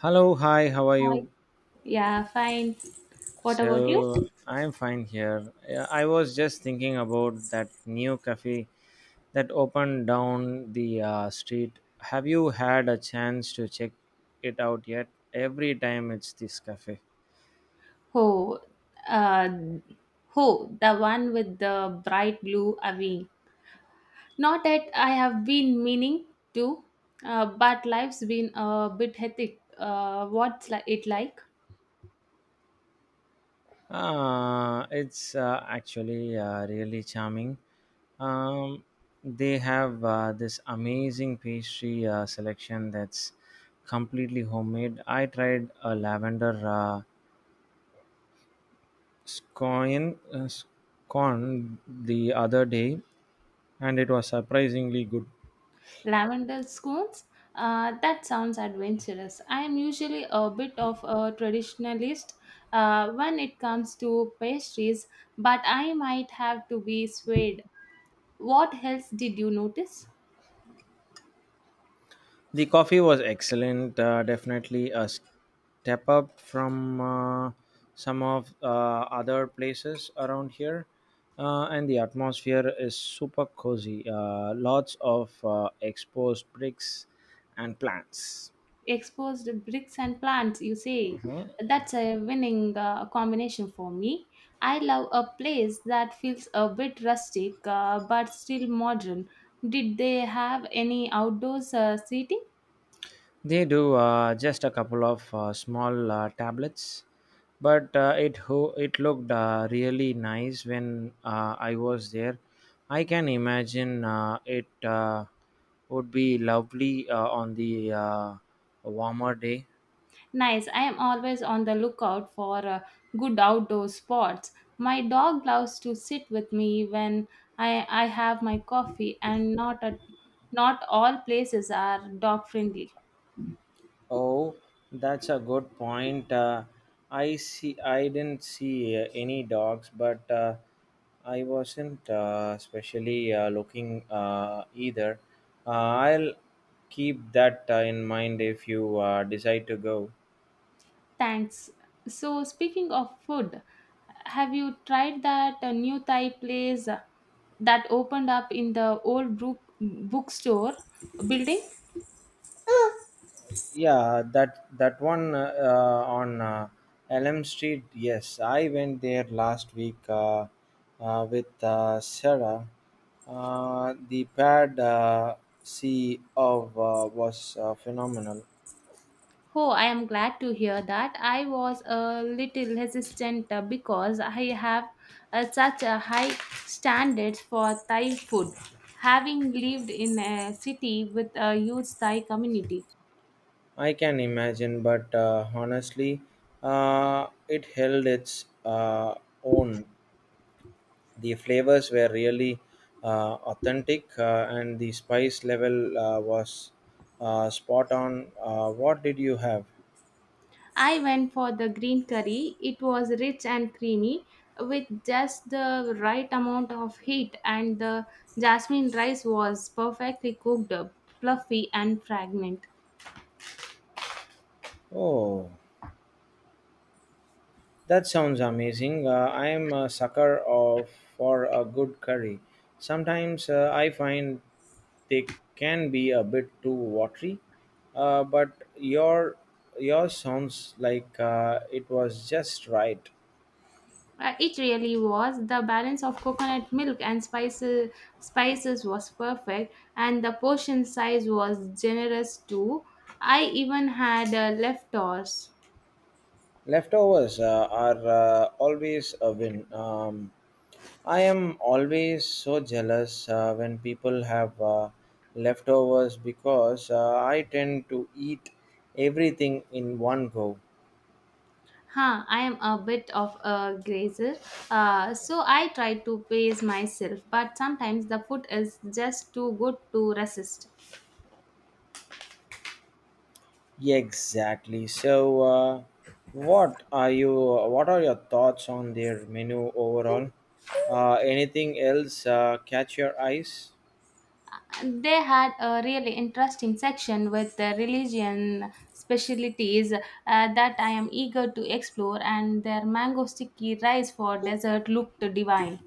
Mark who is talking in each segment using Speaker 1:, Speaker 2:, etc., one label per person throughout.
Speaker 1: Hello, hi, how are
Speaker 2: Hi.
Speaker 1: you?
Speaker 2: Yeah, fine. What about you?
Speaker 1: So, I'm fine here. Yeah, I was just thinking about that new cafe that opened down the street. Have you had a chance to check it out yet? Every time it's this cafe.
Speaker 2: Oh, uh, oh, the one with the bright blue awning. Not that I have been meaning to, but life's been a bit hectic. What's it like?
Speaker 1: It's actually really charming. Um, they have this amazing pastry selection that's completely homemade. I tried a lavender, scoian scone the other day and it was surprisingly good.
Speaker 2: Lavender scones? That sounds adventurous. I am usually a bit of a traditionalist when it comes to pastries, but I might have to be swayed. What else did you notice?
Speaker 1: The coffee was excellent, definitely a step up from some of other places around here. And the atmosphere is super cozy. Lots of exposed bricks and plants.
Speaker 2: Exposed bricks and plants, you say? That's a winning combination for me. I love a place that feels a bit rustic, but still modern. Did they have any outdoors seating?
Speaker 1: They do just a couple of small tablets, but it looked really nice when I was there. I can imagine it would be lovely on the warmer day.
Speaker 2: Nice. I am always on the lookout for good outdoor spots. My dog loves to sit with me when I have my coffee, and not at, not all places are dog friendly.
Speaker 1: Oh, that's a good point. I see. I didn't see any dogs, but I wasn't especially looking either. I'll keep that in mind if you decide to go.
Speaker 2: Thanks. So, speaking of food, have you tried that new Thai place that opened up in the old bookstore building?
Speaker 1: Yeah, that one on Elm Street. Yes, I went there last week with Sarah. The pad sea of was phenomenal.
Speaker 2: Oh, I am glad to hear that. I was a little hesitant because I have such a high standards for Thai food, having lived in a city with a huge Thai community.
Speaker 1: I can imagine, but honestly, it held its own. The flavors were really authentic and the spice level was spot on. What did you have?
Speaker 2: I went for the green curry. It was rich and creamy with just the right amount of heat, and the jasmine rice was perfectly cooked, fluffy, and fragrant.
Speaker 1: Oh, that sounds amazing. I am a sucker of for a good curry sometimes. I find they can be a bit too watery, but your yours sounds like it was just right.
Speaker 2: It really was. The balance of coconut milk and spices was perfect, and the portion size was generous too. I even had leftovers.
Speaker 1: Leftovers are always a win. I am always so jealous when people have leftovers because I tend to eat everything in one go.
Speaker 2: Huh, I am a bit of a grazer, so I try to pace myself, but sometimes the food is just too good to resist.
Speaker 1: Exactly. So, What are your thoughts on their menu overall? Anything else catch your eyes?
Speaker 2: They had a really interesting section with the religion specialties that I am eager to explore, and their mango sticky rice for dessert looked divine.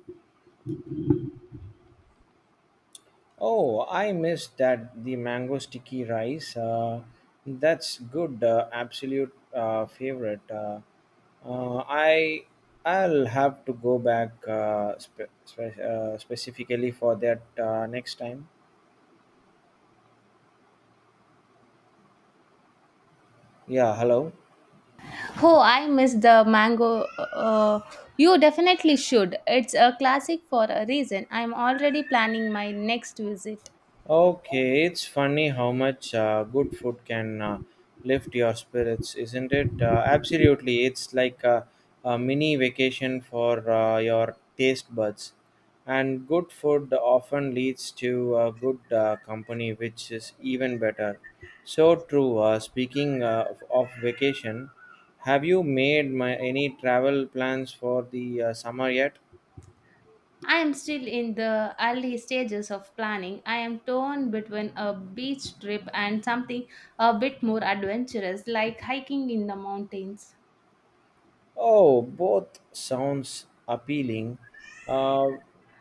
Speaker 1: Oh, I missed that the mango sticky rice. That's good, absolute favorite. Uh, I I'll have to go back specifically for that next time. Yeah, hello.
Speaker 2: Oh, I miss the mango. Uh, you definitely should. It's a classic for a reason. I'm already planning my next visit.
Speaker 1: Okay, it's funny how much good food can lift your spirits, isn't it? Absolutely, it's like a mini vacation for your taste buds. And good food often leads to good company, which is even better. So true. Speaking of vacation, have you made any travel plans for the summer yet?
Speaker 2: I am still in the early stages of planning. I am torn between a beach trip and something a bit more adventurous, like hiking in the mountains.
Speaker 1: Oh, both sounds appealing. Uh,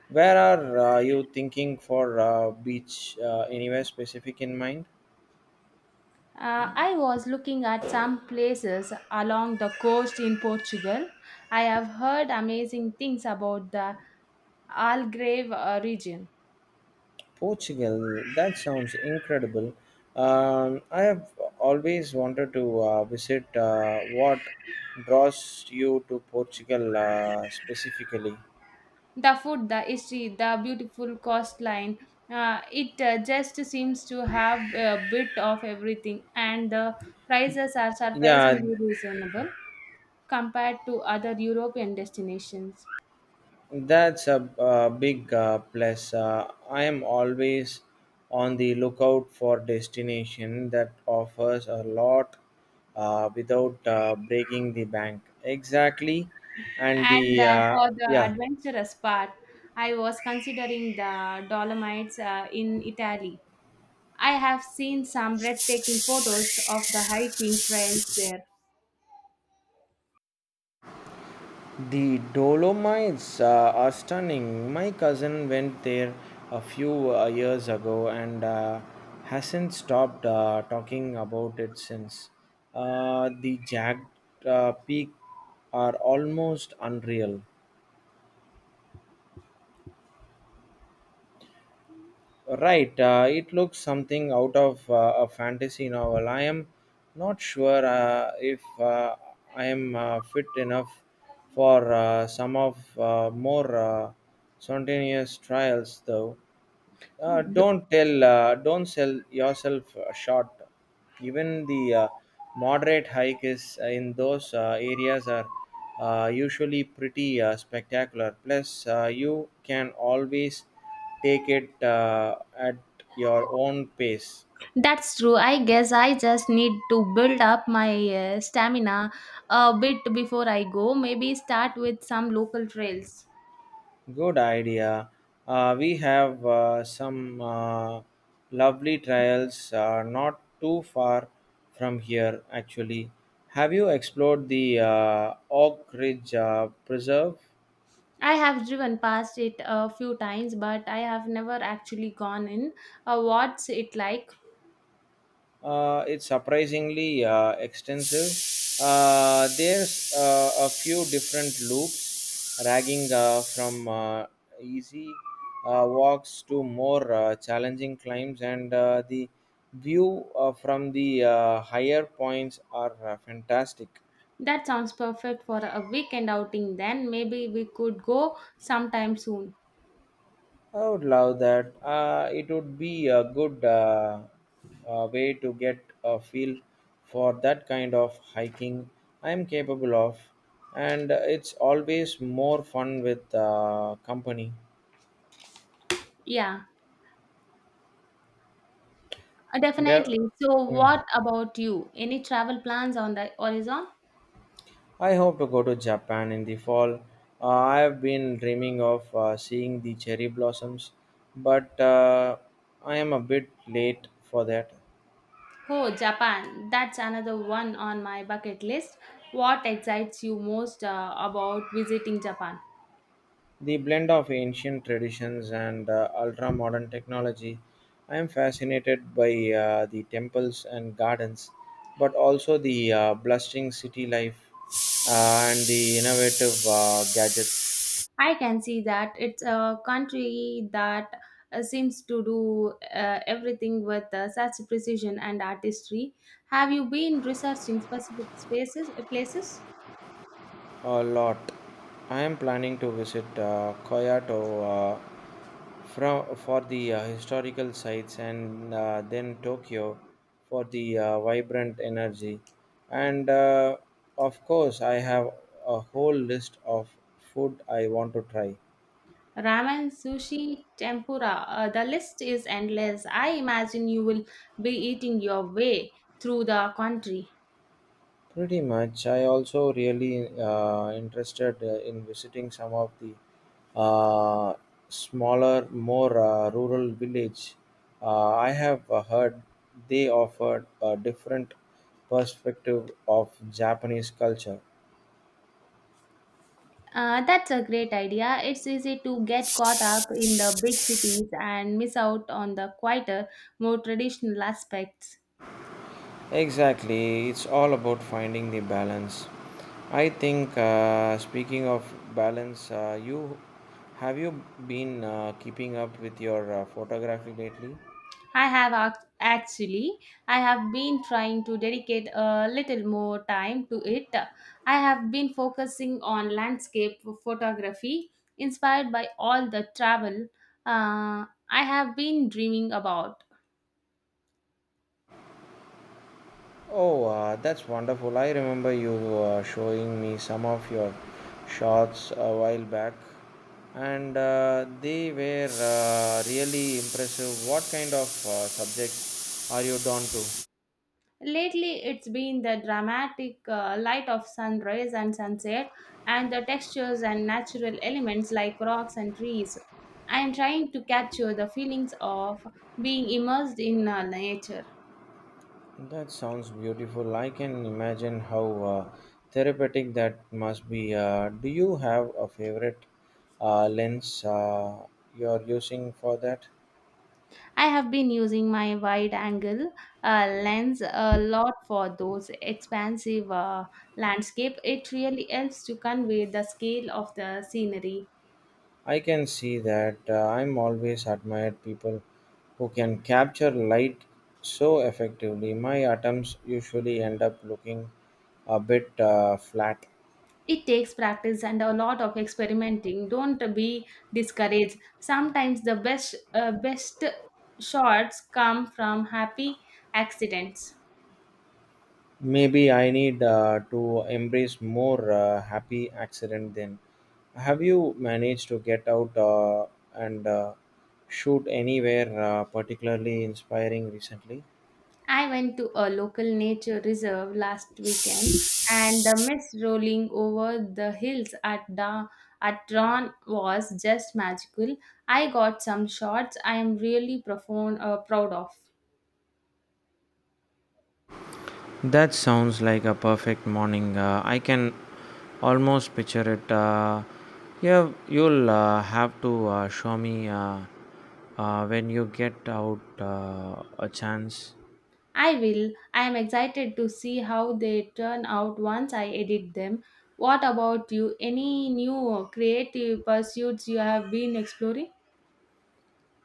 Speaker 1: where are you thinking for beach? Anywhere specific in mind?
Speaker 2: I was looking at some places along the coast in Portugal. I have heard amazing things about the Algarve region.
Speaker 1: Portugal. That sounds incredible. I have always wanted to visit. What draws you to Portugal specifically?
Speaker 2: The food, the history, the beautiful coastline, it just seems to have a bit of everything, and the prices are
Speaker 1: Yeah,
Speaker 2: surprisingly reasonable compared to other European destinations.
Speaker 1: that's a big plus. I am always on the lookout for destination that offers a lot without breaking the bank. Exactly, and
Speaker 2: And
Speaker 1: the,
Speaker 2: for the
Speaker 1: yeah,
Speaker 2: adventurous part, I was considering the Dolomites in Italy. I have seen some breathtaking photos of the hiking trails there.
Speaker 1: the Dolomites are stunning. My cousin went there a few years ago and hasn't stopped talking about it since. The jagged peak are almost unreal. Right, it looks something out of a fantasy novel. I am not sure if I am fit enough for some of more spontaneous trials, though. Don't sell yourself short. Even the moderate hike is in those areas are usually pretty spectacular. Plus, you can always take it at your own pace.
Speaker 2: That's true. I guess I just need to build up my stamina a bit before I go. Maybe start with some local trails.
Speaker 1: Good idea. We have some lovely trails not too far from here, actually. Have you explored the Oak Ridge Preserve?
Speaker 2: I have driven past it a few times, but I have never actually gone in. What's it like?
Speaker 1: It's surprisingly extensive. There's a few different loops, ragging from easy walks to more challenging climbs, and the view from the higher points are fantastic.
Speaker 2: That sounds perfect for a weekend outing, then. Maybe we could go sometime soon.
Speaker 1: I would love that. It would be a good way to get a feel for that kind of hiking I'm capable of, and it's always more fun with company.
Speaker 2: Yeah,
Speaker 1: There.
Speaker 2: definitely. So,
Speaker 1: Mm.
Speaker 2: what about you? Any travel plans on the horizon?
Speaker 1: I hope to go to Japan in the fall. I have been dreaming of seeing the cherry blossoms, but I am a bit late for that.
Speaker 2: Oh, Japan. That's another one on my bucket list. What excites you most about visiting Japan?
Speaker 1: The blend of ancient traditions and ultra modern technology. I am fascinated by the temples and gardens, but also the blustering city life and the innovative gadgets.
Speaker 2: I can see that. It's a country that seems to do everything with such precision and artistry. Have you been researching specific places?
Speaker 1: A lot. I am planning to visit Kyoto uh, Fra for the historical sites and then Tokyo for the vibrant energy. And of course, I have a whole list of food I want to try.
Speaker 2: Ramen, sushi, tempura. The list is endless. I imagine you will be eating your way through the country.
Speaker 1: Pretty much, I also really interested in visiting some of the uh, smaller, more rural village. I have heard they offered a different perspective of Japanese culture.
Speaker 2: That's a great idea. It's easy to get caught up in the big cities and miss out on the quieter, more traditional aspects.
Speaker 1: Exactly, it's all about finding the balance. I think, speaking of balance, you have you been keeping up with your photography lately?
Speaker 2: Actually, I have been trying to dedicate a little more time to it. I have been focusing on landscape photography, inspired by all the travel uh, I have been dreaming about.
Speaker 1: Oh, that's wonderful. I remember you showing me some of your shots a while back, and they were really impressive. What kind of subjects are you drawn to?
Speaker 2: Lately, it's been the dramatic light of sunrise and sunset, and the textures and natural elements like rocks and trees. I am trying to capture the feelings of being immersed in nature.
Speaker 1: That sounds beautiful. I can imagine how therapeutic that must be. Do you have a favorite lens you're using for that?
Speaker 2: I have been using my wide angle lens a lot for those expansive landscape. It really helps to convey the scale of the scenery.
Speaker 1: I can see that. I'm always admired people who can capture light so effectively. My atoms usually end up looking a bit flat.
Speaker 2: It takes practice and a lot of experimenting. Don't be discouraged. Sometimes the best shots come from happy accidents.
Speaker 1: Maybe I need to embrace more happy accident then. Have you managed to get out and shoot anywhere particularly inspiring recently?
Speaker 2: I went to a local nature reserve last weekend, and the mist rolling over the hills at at Ron was just magical. I got some shots I am really proud of.
Speaker 1: That sounds like a perfect morning. I can almost picture it. Yeah, you'll have to show me when you get out a chance.
Speaker 2: I will. I am excited to see how they turn out once I edit them. What about you? Any new creative pursuits you have been exploring?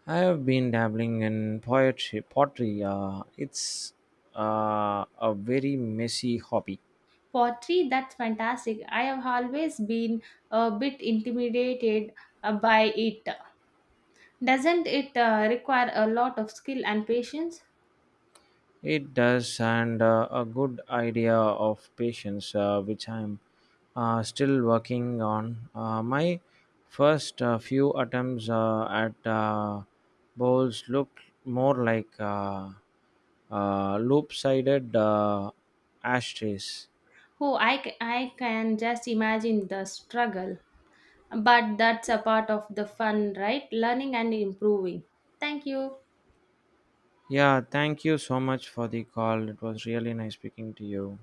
Speaker 1: I have been dabbling in poetry. Pottery, it's a very messy hobby.
Speaker 2: Pottery, that's fantastic. I have always been a bit intimidated by it. Doesn't it require a lot of skill and patience?
Speaker 1: It does, and a good idea of patience, which I'm still working on. My first few attempts at bowls looked more like loop-sided ashtrays.
Speaker 2: Oh, I can just imagine the struggle. But that's a part of the fun, right? Learning and improving. Thank you.
Speaker 1: Yeah, thank you so much for the call. It was really nice speaking to you.